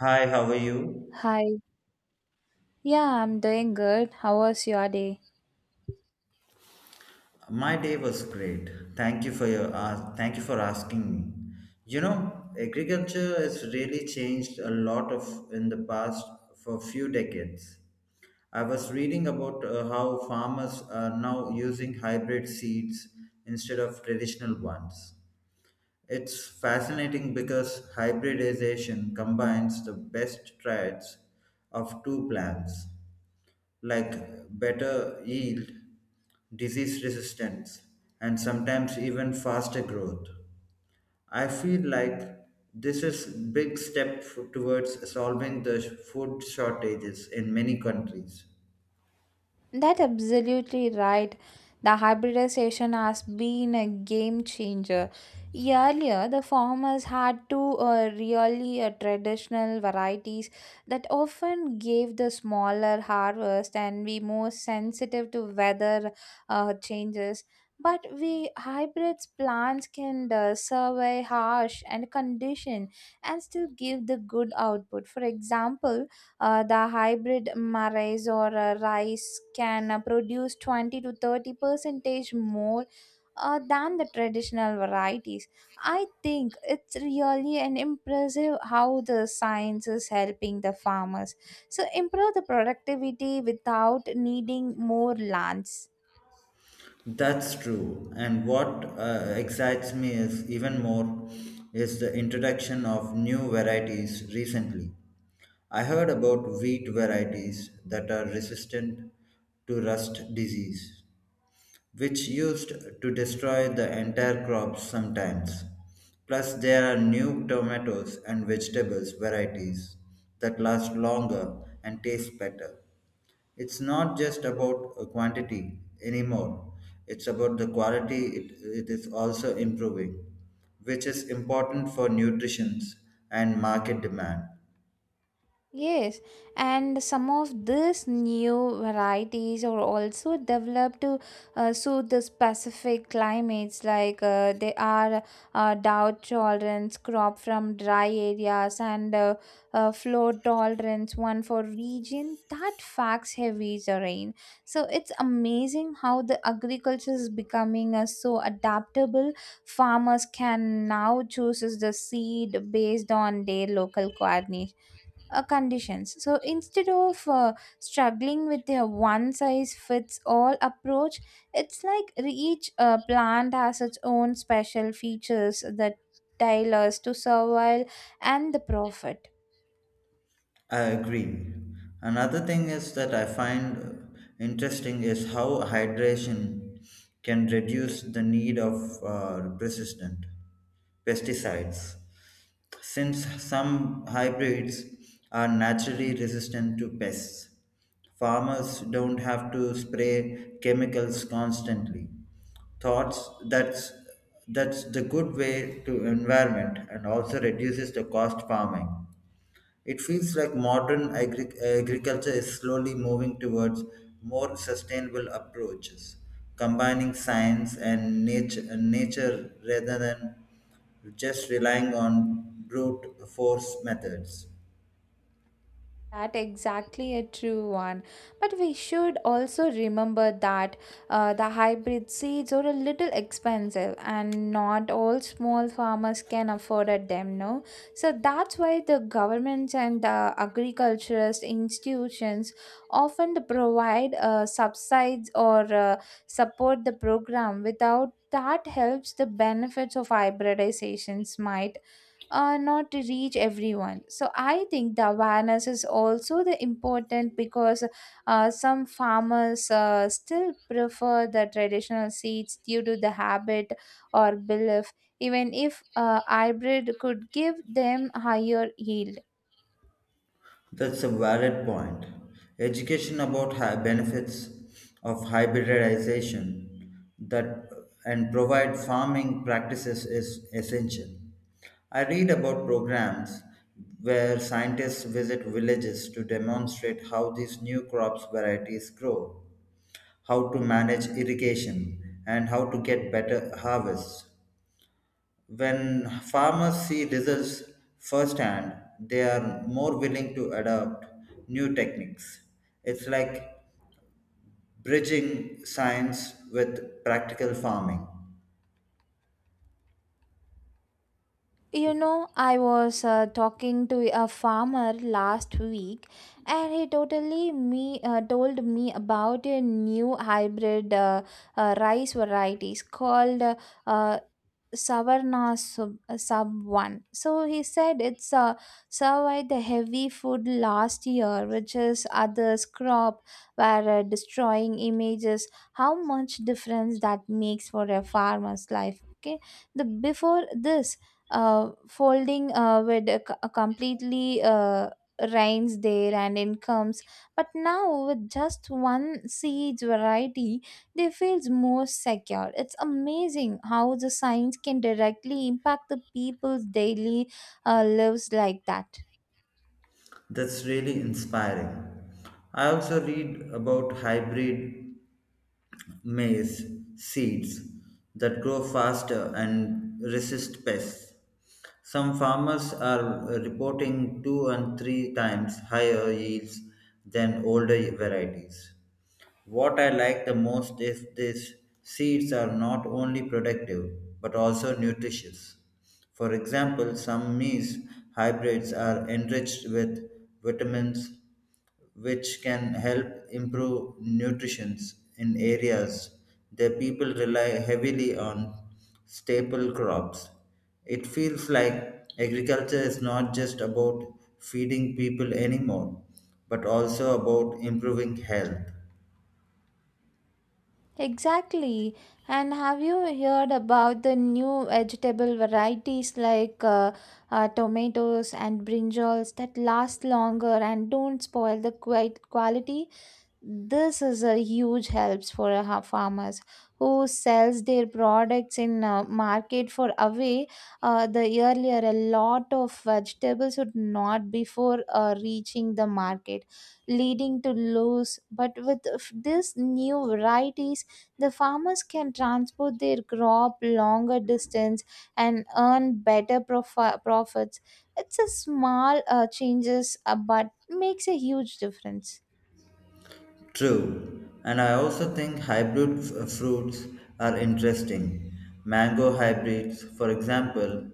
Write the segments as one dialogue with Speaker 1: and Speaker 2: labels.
Speaker 1: Hi, how are you?
Speaker 2: Hi. Yeah, I'm doing good. How was your day?
Speaker 1: My day was great. Thank you for your thank you for asking me. You know, agriculture has really changed a lot of in the past for few decades. I was reading about how farmers are now using hybrid seeds instead of traditional ones. It's fascinating because hybridization combines the best traits of two plants like better yield, disease resistance, and sometimes even faster growth. I feel like this is big step towards solving the food shortages in many countries.
Speaker 2: That absolutely right. The hybridization has been a game changer. Earlier, the farmers had to really traditional varieties that often gave the smaller harvest and be more sensitive to weather changes. But we hybrids plants can survive harsh and condition and still give the good output. For example, The hybrid maize or rice can produce 20 to 30 percentage more than the traditional varieties. I think it's really an impressive how the science is helping the farmers. So improve the productivity without needing more lands.
Speaker 1: That's true. And what excites me is even more is the introduction of new varieties recently. I heard about wheat varieties that are resistant to rust disease which used to destroy the entire crops sometimes. Plus, there are new tomatoes and vegetables varieties that last longer and taste better. It's not just about quantity anymore, it's about the quality it is also improving, which is important for nutrition and market demand.
Speaker 2: Yes, and some of these new varieties are also developed to suit the specific climates, like they are drought tolerance crop from dry areas and flood tolerance one for region that facts heavy terrain. So it's amazing how the agriculture is becoming so adaptable. Farmers can now choose the seed based on their local coordination conditions. So instead of struggling with their one size fits all approach, it's like each plant has its own special features that tailors to survival and the profit.
Speaker 1: I agree. Another thing is that I find interesting is how hydration can reduce the need of persistent pesticides. Since some hybrids are naturally resistant to pests, farmers don't have to spray chemicals constantly. Thoughts that's the good way to environment and also reduces the cost farming. It feels like modern agriculture is slowly moving towards more sustainable approaches, combining science and nature rather than just relying on brute force methods.
Speaker 2: That exactly a true one. But we should also remember that the hybrid seeds are a little expensive and not all small farmers can afford at them, no? So that's why the governments and the agriculturist institutions often provide subsides or support the program without that helps the benefits of hybridizations might not to reach everyone. So I think the awareness is also the important because some farmers still prefer the traditional seeds due to the habit or belief, even if hybrid could give them higher yield.
Speaker 1: That's a valid point. Education about benefits of hybridization that and provide farming practices is essential. I read about programs where scientists visit villages to demonstrate how these new crops varieties grow, how to manage irrigation, and how to get better harvests. When farmers see results firsthand, they are more willing to adopt new techniques. It's like bridging science with practical farming.
Speaker 2: You know, I was talking to a farmer last week, and he totally me told me about a new hybrid rice varieties called uh, savarna sub 1. So he said it's survived the heavy food last year, which is others crop were destroying images, how much difference that makes for a farmer's life. Okay, the before this folding with a completely rains there and incomes, but now with just one seeds variety they feels more secure. It's amazing how the science can directly impact the people's daily lives like that.
Speaker 1: That's really inspiring. I also read about hybrid maize seeds that grow faster and resist pests. Some farmers are reporting two and three times higher yields than older varieties. What I like the most is these seeds are not only productive but also nutritious. For example, some maize hybrids are enriched with vitamins which can help improve nutrition in areas the people rely heavily on staple crops. It feels like agriculture is not just about feeding people anymore, but also about improving health.
Speaker 2: Exactly. And have you heard about the new vegetable varieties like tomatoes and brinjals that last longer and don't spoil the quite quality? This is a huge helps for a farmers who sells their products in market for away. The earlier a lot of vegetables would not before reaching the market, leading to loss, but with this new varieties the farmers can transport their crop longer distance and earn better profits. It's a small changes but makes a huge difference.
Speaker 1: True, and I also think hybrid fruits are interesting. Mango hybrids, for example,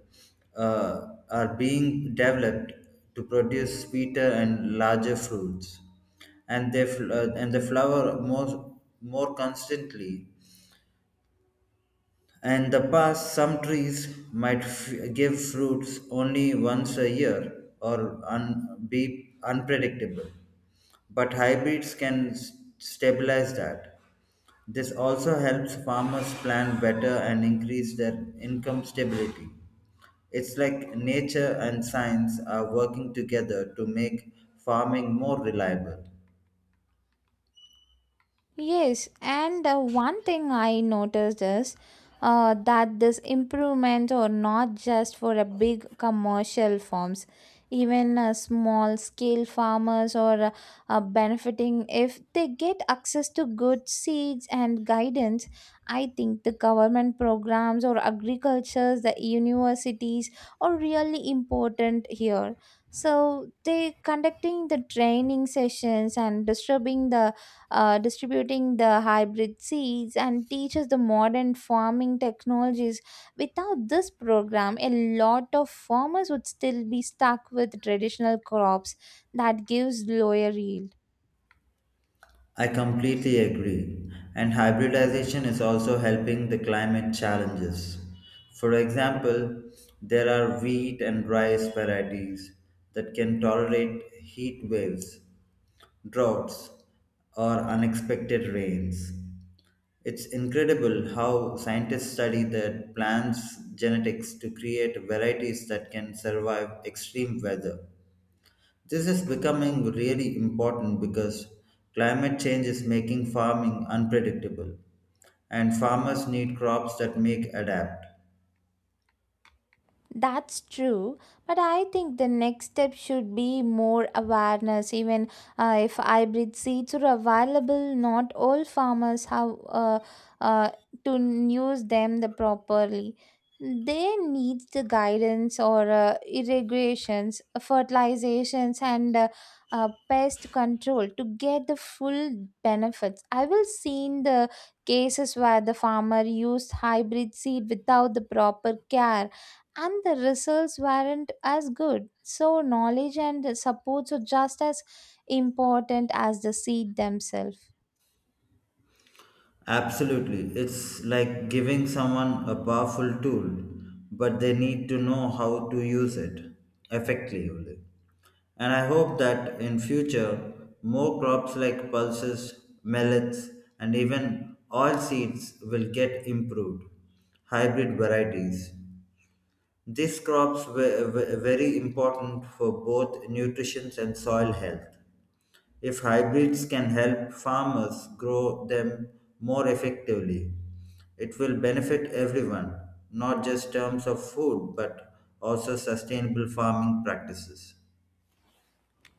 Speaker 1: are being developed to produce sweeter and larger fruits, and they and they flower more constantly. In the past, some trees might give fruits only once a year or be unpredictable, but hybrids can stabilize that. This also helps farmers plan better and increase their income stability. It's like nature and science are working together to make farming more reliable.
Speaker 2: Yes, and one thing I noticed is that this improvement are not just for a big commercial farms. Even small scale farmers are benefiting if they get access to good seeds and guidance. I think the government programs or agricultures, the universities are really important here. So they conducting the training sessions and distributing the hybrid seeds, and teaches the modern farming technologies. Without this program, a lot of farmers would still be stuck with traditional crops that gives lower yield.
Speaker 1: I completely agree. And hybridization is also helping the climate challenges. For example, there are wheat and rice varieties that can tolerate heat waves, droughts, or unexpected rains. It's incredible how scientists study the plant's genetics to create varieties that can survive extreme weather. This is becoming really important because climate change is making farming unpredictable, and farmers need crops that make adapt.
Speaker 2: That's true, but I think the next step should be more awareness. Even if hybrid seeds are available, not all farmers have uh, to use them the properly. They need the guidance or irrigations, fertilizations, and pest control to get the full benefits. I will seen the cases where the farmer used hybrid seed without the proper care and the results weren't as good. So, knowledge and supports are just as important as the seed themselves.
Speaker 1: Absolutely, it's like giving someone a powerful tool, but they need to know how to use it effectively. And I hope that in future more crops like pulses, millets and even oil seeds will get improved hybrid varieties. These crops were very important for both nutrition and soil health. If hybrids can help farmers grow them more effectively, it will benefit everyone, not just terms of food, but also sustainable farming practices.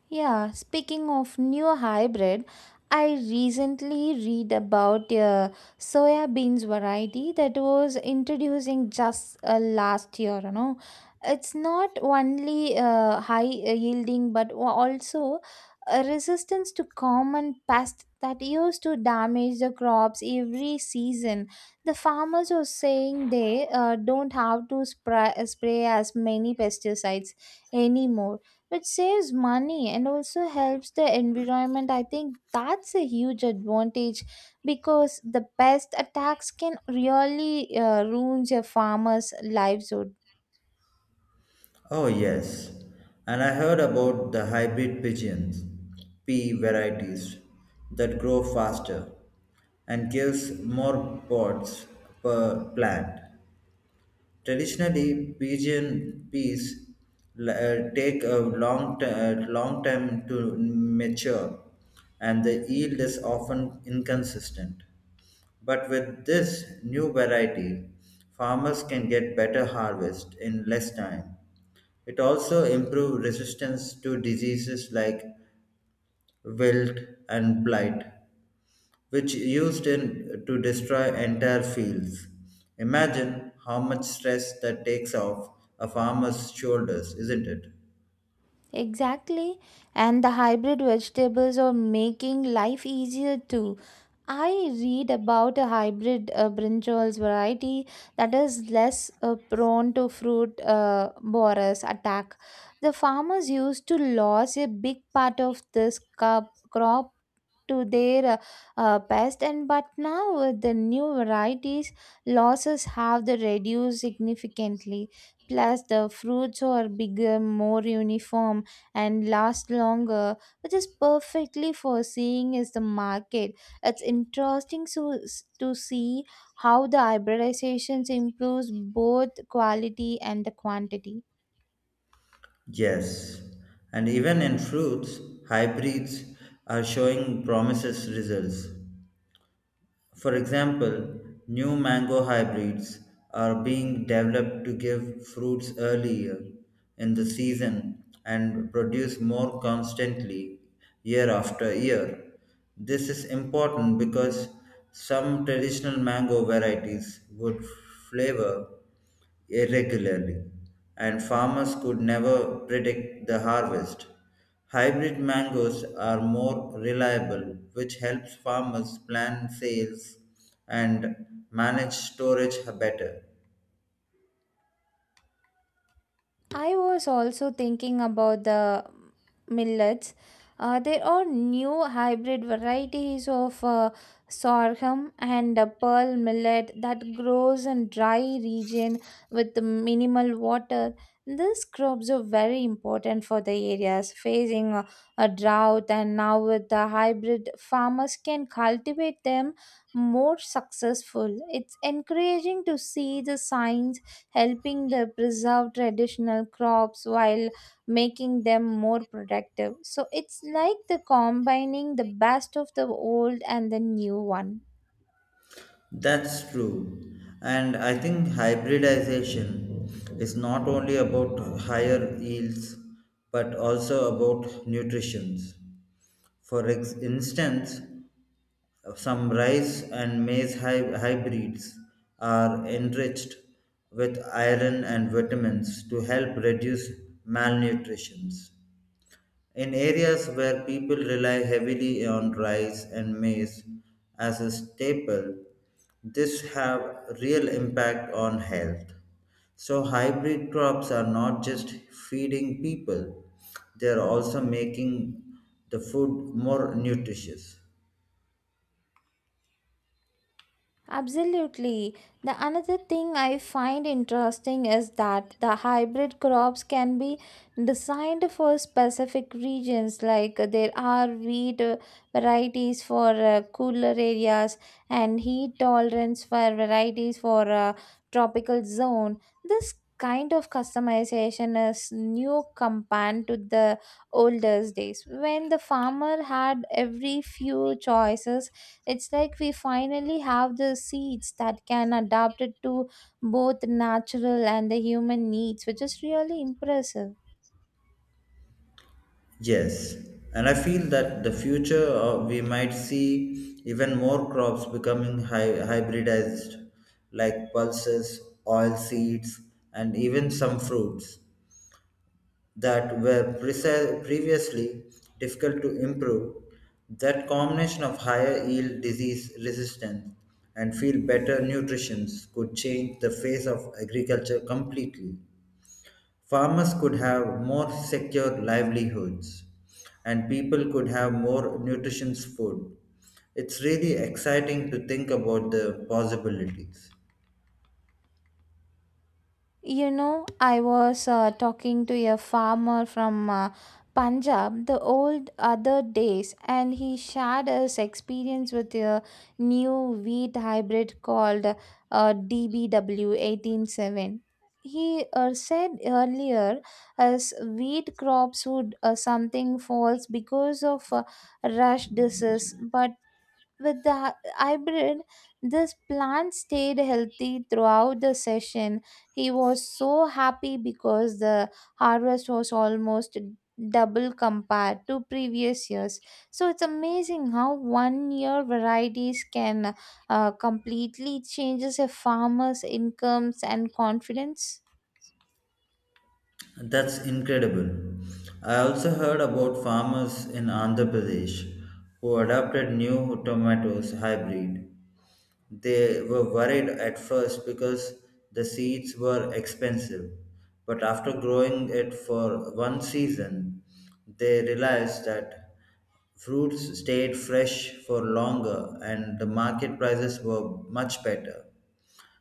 Speaker 2: Yeah, speaking of new hybrid, I recently read about a soya beans variety that was introducing just last year, you know. It's not only high yielding but also a resistance to common pests that used to damage the crops every season. The farmers are saying they don't have to spray as many pesticides anymore, which saves money and also helps the environment. I think that's a huge advantage because the pest attacks can really ruin a farmer's lives.
Speaker 1: Oh, yes. And I heard about the hybrid pigeons, P varieties, that grow faster and gives more pods per plant. Traditionally, pigeon peas take a long time to mature and the yield is often inconsistent. But with this new variety, farmers can get better harvest in less time it also improves resistance to diseases like wilt and blight, which used in to destroy entire fields. Imagine how much stress that takes off a farmer's shoulders, isn't it?
Speaker 2: Exactly. And the hybrid vegetables are making life easier too. I read about a hybrid brinjals variety that is less prone to fruit borers attack. The farmers used to lose a big part of this cup crop to their best, and but now with the new varieties losses have the reduced significantly. Plus the fruits are bigger, more uniform, and last longer, which is perfectly for seeing is the market. It's interesting so, to see how the hybridizations improves both quality and the quantity.
Speaker 1: Yes, and even in fruits, hybrids are showing promises results. For example, new mango hybrids are being developed to give fruits earlier in the season and produce more constantly year after year. This is important because some traditional mango varieties would flavor irregularly, and farmers could never predict the harvest. Hybrid mangoes are more reliable, which helps farmers plan sales and manage storage better.
Speaker 2: I was also thinking about the millets. There are new hybrid varieties of sorghum and pearl millet that grows in dry region with minimal water. These crops are very important for the areas facing a drought, and now with the hybrid, farmers can cultivate them more successful. It's encouraging to see the signs helping the preserve traditional crops while making them more productive. So it's like the combining the best of the old and the new one.
Speaker 1: That's true. And I think hybridization is not only about higher yields but also about nutrition. For instance, some rice and maize hybrids are enriched with iron and vitamins to help reduce malnutrition. In areas where people rely heavily on rice and maize as a staple, this have real impact on health. So hybrid crops are not just feeding people, they are also making the food more nutritious.
Speaker 2: Absolutely. The another thing I find interesting is that the hybrid crops can be designed for specific regions, like there are wheat varieties for cooler areas and heat tolerance for varieties for tropical zone. This kind of customization is new compared to the oldest days when the farmer had every few choices. It's like we finally have the seeds that can adapt it to both natural and the human needs, which is really impressive.
Speaker 1: Yes, and I feel that the future we might see even more crops becoming hybridized, like pulses, oil seeds, and even some fruits that were previously difficult to improve. That combination of higher yield, disease resistance, and feel better nutrition could change the face of agriculture completely. Farmers could have more secure livelihoods, and people could have more nutritious food. It's really exciting to think about the possibilities.
Speaker 2: You know, I was talking to a farmer from Punjab the old other days, and he shared his experience with a new wheat hybrid called DBW 187. He said earlier, as wheat crops would something falls because of rush disease, but with the hybrid, this plant stayed healthy throughout the session. He was so happy because the harvest was almost double compared to previous years. So it's amazing how one year varieties can completely changes a farmer's incomes and confidence.
Speaker 1: That's incredible. I also heard about farmers in Andhra Pradesh who adopted new tomatoes hybrid. They were worried at first because the seeds were expensive, but after growing it for one season, they realized that fruits stayed fresh for longer and the market prices were much better.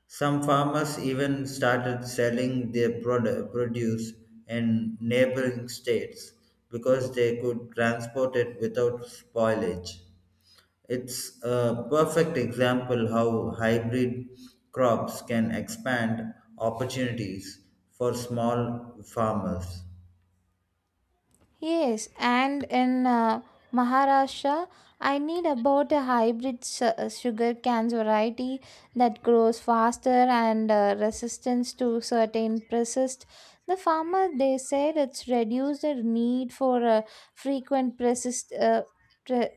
Speaker 1: Some farmers even started selling their produce in neighboring states because they could transport it without spoilage. It's a perfect example how hybrid crops can expand opportunities for small farmers.
Speaker 2: Yes, and in Maharashtra, I need about a hybrid sugar cane variety that grows faster and resistance to certain pests. The farmer they said it's reduced the need for frequent pre-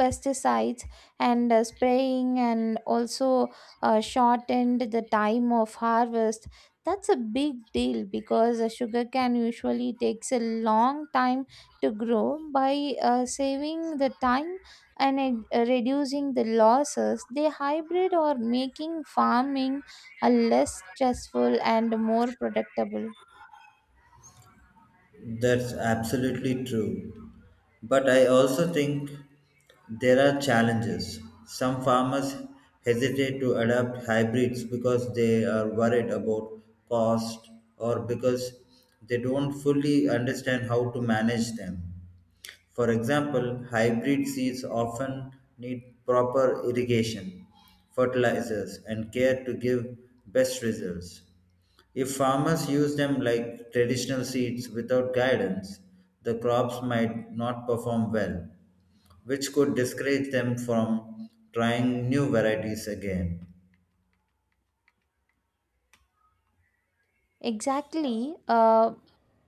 Speaker 2: pesticides and spraying, and also shortened the time of harvest. That's a big deal because sugarcane usually takes a long time to grow. By saving the time and reducing the losses, they hybrid or making farming a less stressful and more predictable.
Speaker 1: That's absolutely true. But I also think there are challenges. Some farmers hesitate to adopt hybrids because they are worried about cost or because they don't fully understand how to manage them. For example, hybrid seeds often need proper irrigation, fertilizers, and care to give best results. If farmers use them like traditional seeds without guidance, the crops might not perform well, which could discourage them from trying new varieties again.
Speaker 2: Exactly. Uh,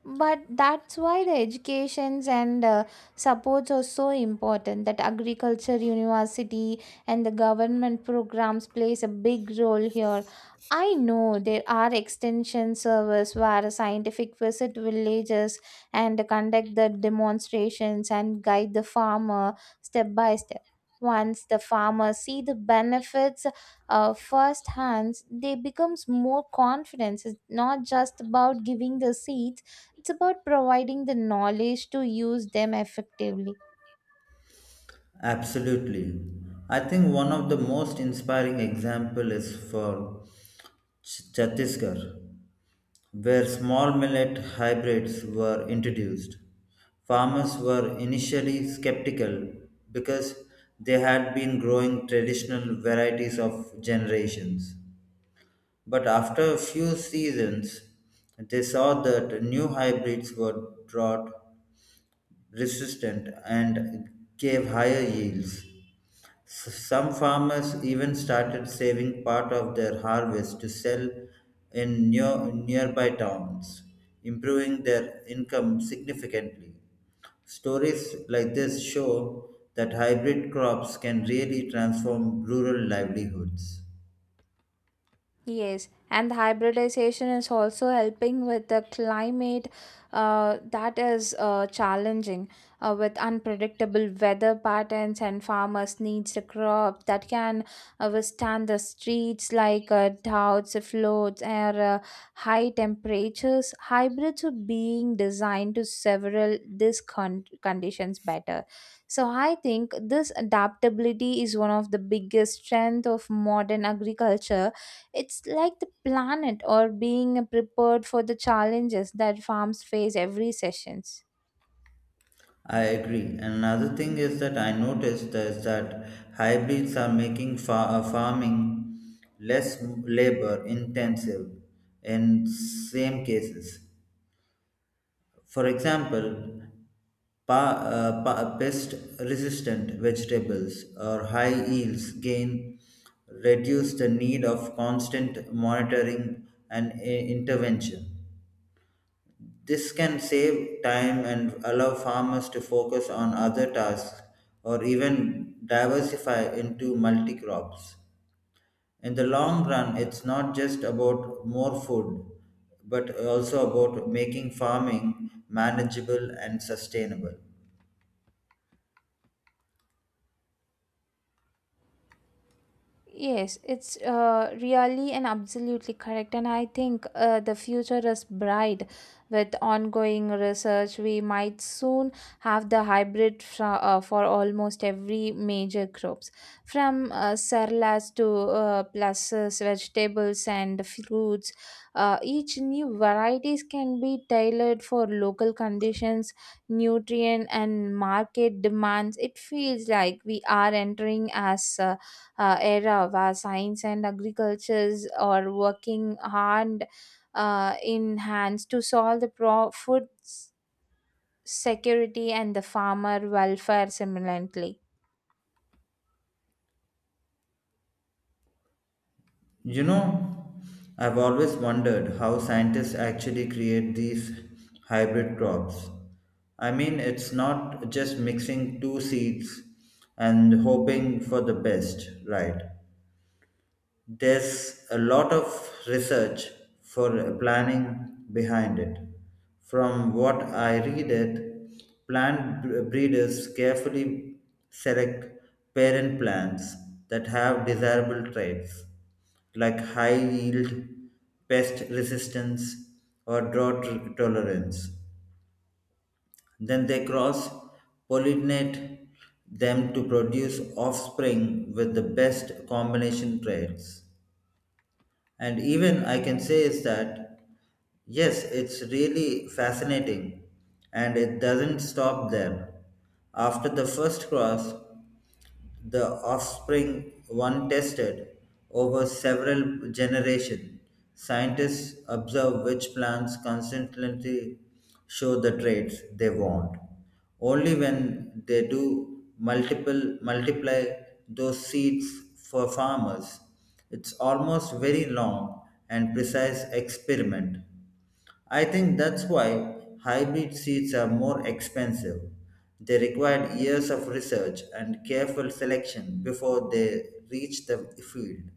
Speaker 2: but that's why the educations and supports are so important. That agriculture university and the government programs plays a big role here. I know there are extension service where scientific visit villages and conduct the demonstrations and guide the farmer step by step. Once the farmers see the benefits first hands, they becomes more confidence. It's not just about giving the seeds, it's about providing the knowledge to use them effectively.
Speaker 1: Absolutely. I think one of the most inspiring example is for Chhattisgarh, where small millet hybrids were introduced. Farmers were initially skeptical because they had been growing traditional varieties of generations. But after a few seasons, they saw that new hybrids were brought resistant and gave higher yields. Some farmers even started saving part of their harvest to sell in nearby towns, improving their income significantly. Stories like this show that hybrid crops can really transform rural livelihoods.
Speaker 2: Yes, and the hybridization is also helping with the climate that is challenging with unpredictable weather patterns, and farmers needs the crop that can withstand the streets like droughts, floods, or high temperatures. Hybrids are being designed to several these conditions better. So I think this adaptability is one of the biggest strength of modern agriculture. It's like the planet or being prepared for the challenges that farms face every sessions.
Speaker 1: I agree. And another thing is that I noticed is that hybrids are making farming less labor intensive in same cases. For example, pest resistant vegetables or high yields gain reduce the need of constant monitoring and intervention this can save time and allow farmers to focus on other tasks or even diversify into multi crops. In the long run, it's not just about more food, but also about making farming manageable and sustainable.
Speaker 2: Yes, it's really and absolutely correct. And I think the future is bright with ongoing research. We might soon have the hybrid for almost every major crops, from cereals to pulses, vegetables, and fruits. Each new varieties can be tailored for local conditions, nutrient, and market demands. It feels like we are entering as era where science and agricultures are working hard in hands to solve the food security and the farmer welfare simultaneously.
Speaker 1: You know, I've always wondered how scientists actually create these hybrid crops. I mean, it's not just mixing two seeds and hoping for the best, right? There's a lot of research for planning behind it. From what I read it, plant breeders carefully select parent plants that have desirable traits like high yield, pest resistance, or drought tolerance. Then they cross pollinate them to produce offspring with the best combination traits. And even I can say is that, yes, it's really fascinating. And it doesn't stop there. After the first cross, the offspring one tested over several generations. Scientists observe which plants consistently show the traits they want. Only when they do multiple multiply those seeds for farmers. It's almost very long and precise experiment. I think that's why hybrid seeds are more expensive. They require years of research and careful selection before they reach the field.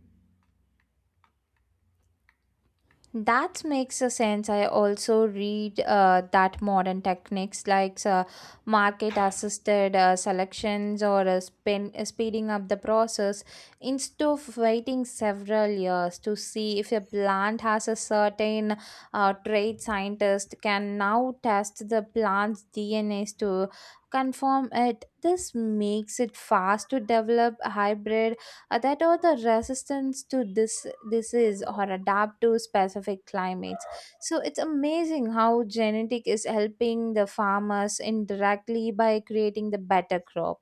Speaker 2: That makes a sense. I also read that modern techniques like market assisted selections or speeding up the process. Instead of waiting several years to see if a plant has a certain trait, scientist can now test the plant's DNAs to confirm it. This makes it fast to develop hybrid that are the resistance to this disease or adapt to specific climates. So it's amazing how genetic is helping the farmers indirectly by creating the better crop.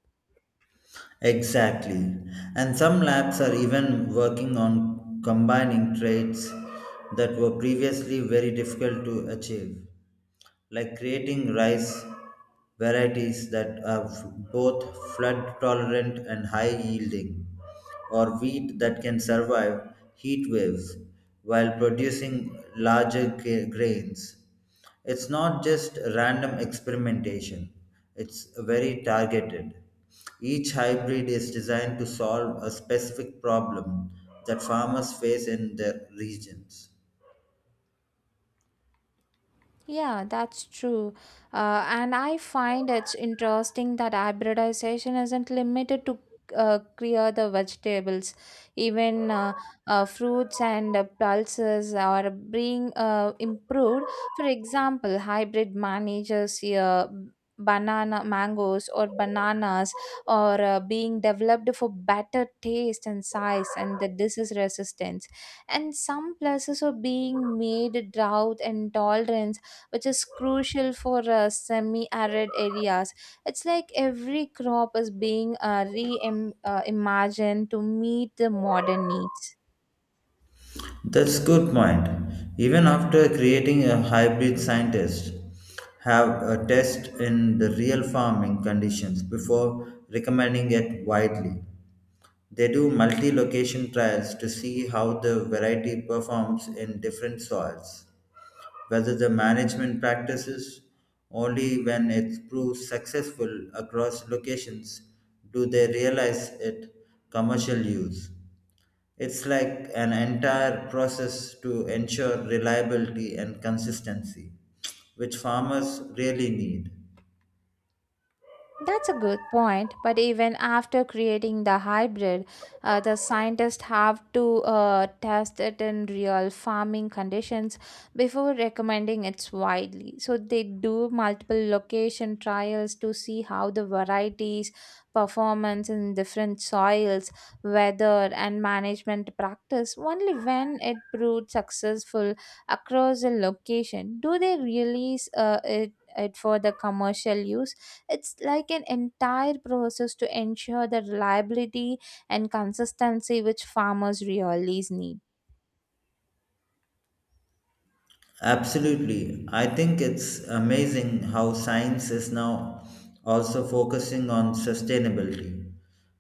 Speaker 1: Exactly. And some labs are even working on combining traits that were previously very difficult to achieve, like creating rice varieties that are both flood tolerant and high yielding, or wheat that can survive heat waves while producing larger grains it's not just random experimentation it's very targeted each hybrid is designed to solve a specific problem that farmers face in their regions
Speaker 2: Yeah, that's true. And I find it's interesting that hybridization isn't limited to clear the vegetables. Even fruits and pulses are being improved. For example, hybrid manages banana mangoes or bananas are being developed for better taste and size and the disease resistance. And some places are being made drought and tolerance, which is crucial for semi arid areas. It's like every crop is being imagined to meet the modern needs.
Speaker 1: that's good point even after creating a hybrid scientists have a test in the real farming conditions before recommending it widely they do multi location trials to see how the variety performs in different soils whether the management practices only when it proves successful across locations do they realize it commercial use it's like an entire process to ensure reliability and consistency which farmers really need.
Speaker 2: That's a good point, but even after creating the hybrid, the scientists have to test it in real farming conditions before recommending it widely. So they do multiple location trials to see how the varieties performance in different soils, weather, and management practice. Only when it proved successful across a location do they release it for the commercial use. It's like an entire process to ensure the reliability and consistency which farmers really need.
Speaker 1: Absolutely. I think it's amazing how science is now also focusing on sustainability.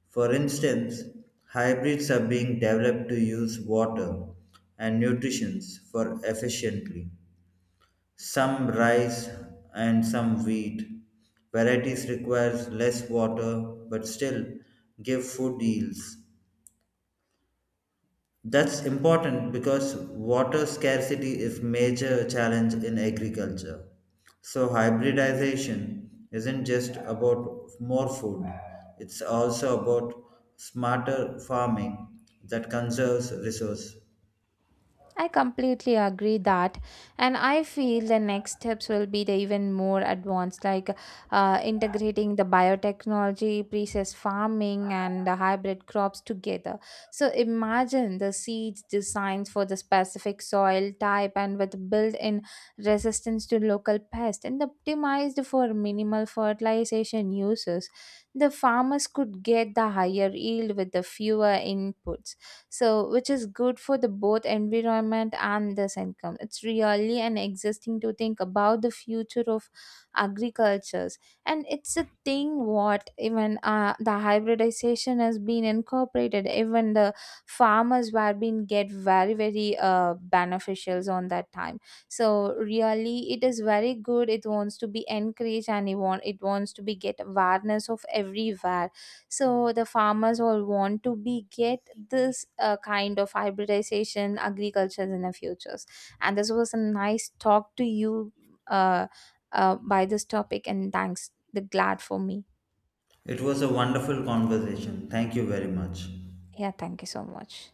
Speaker 1: For instance, hybrids are being developed to use water and nutrition for efficiently. Some rice and some wheat varieties requires less water but still give food yields. That's important because water scarcity is major challenge in agriculture. So hybridization isn't just about more food. It's also about smarter farming that conserves resource.
Speaker 2: I completely agree that, and I feel the next steps will be the even more advanced, like integrating the biotechnology, precess farming, and the hybrid crops together. So imagine the seeds designed for the specific soil type and with built-in resistance to local pests and optimized for minimal fertilization uses. The farmers could get the higher yield with the fewer inputs, so which is good for the both environment and this income. It's really an existing to think about the future of agricultures. And it's a thing what even the hybridization has been incorporated, even the farmers were being get very very beneficials on that time. So really it is very good, it wants to be encouraged, and it wants to be get awareness of everywhere. So the farmers all want to be get this kind of hybridization agriculture in the futures. And this was a nice talk to you uh, by this topic, and thanks the glad for me.
Speaker 1: It was a wonderful conversation. Thank you very much.
Speaker 2: Yeah, thank you so much.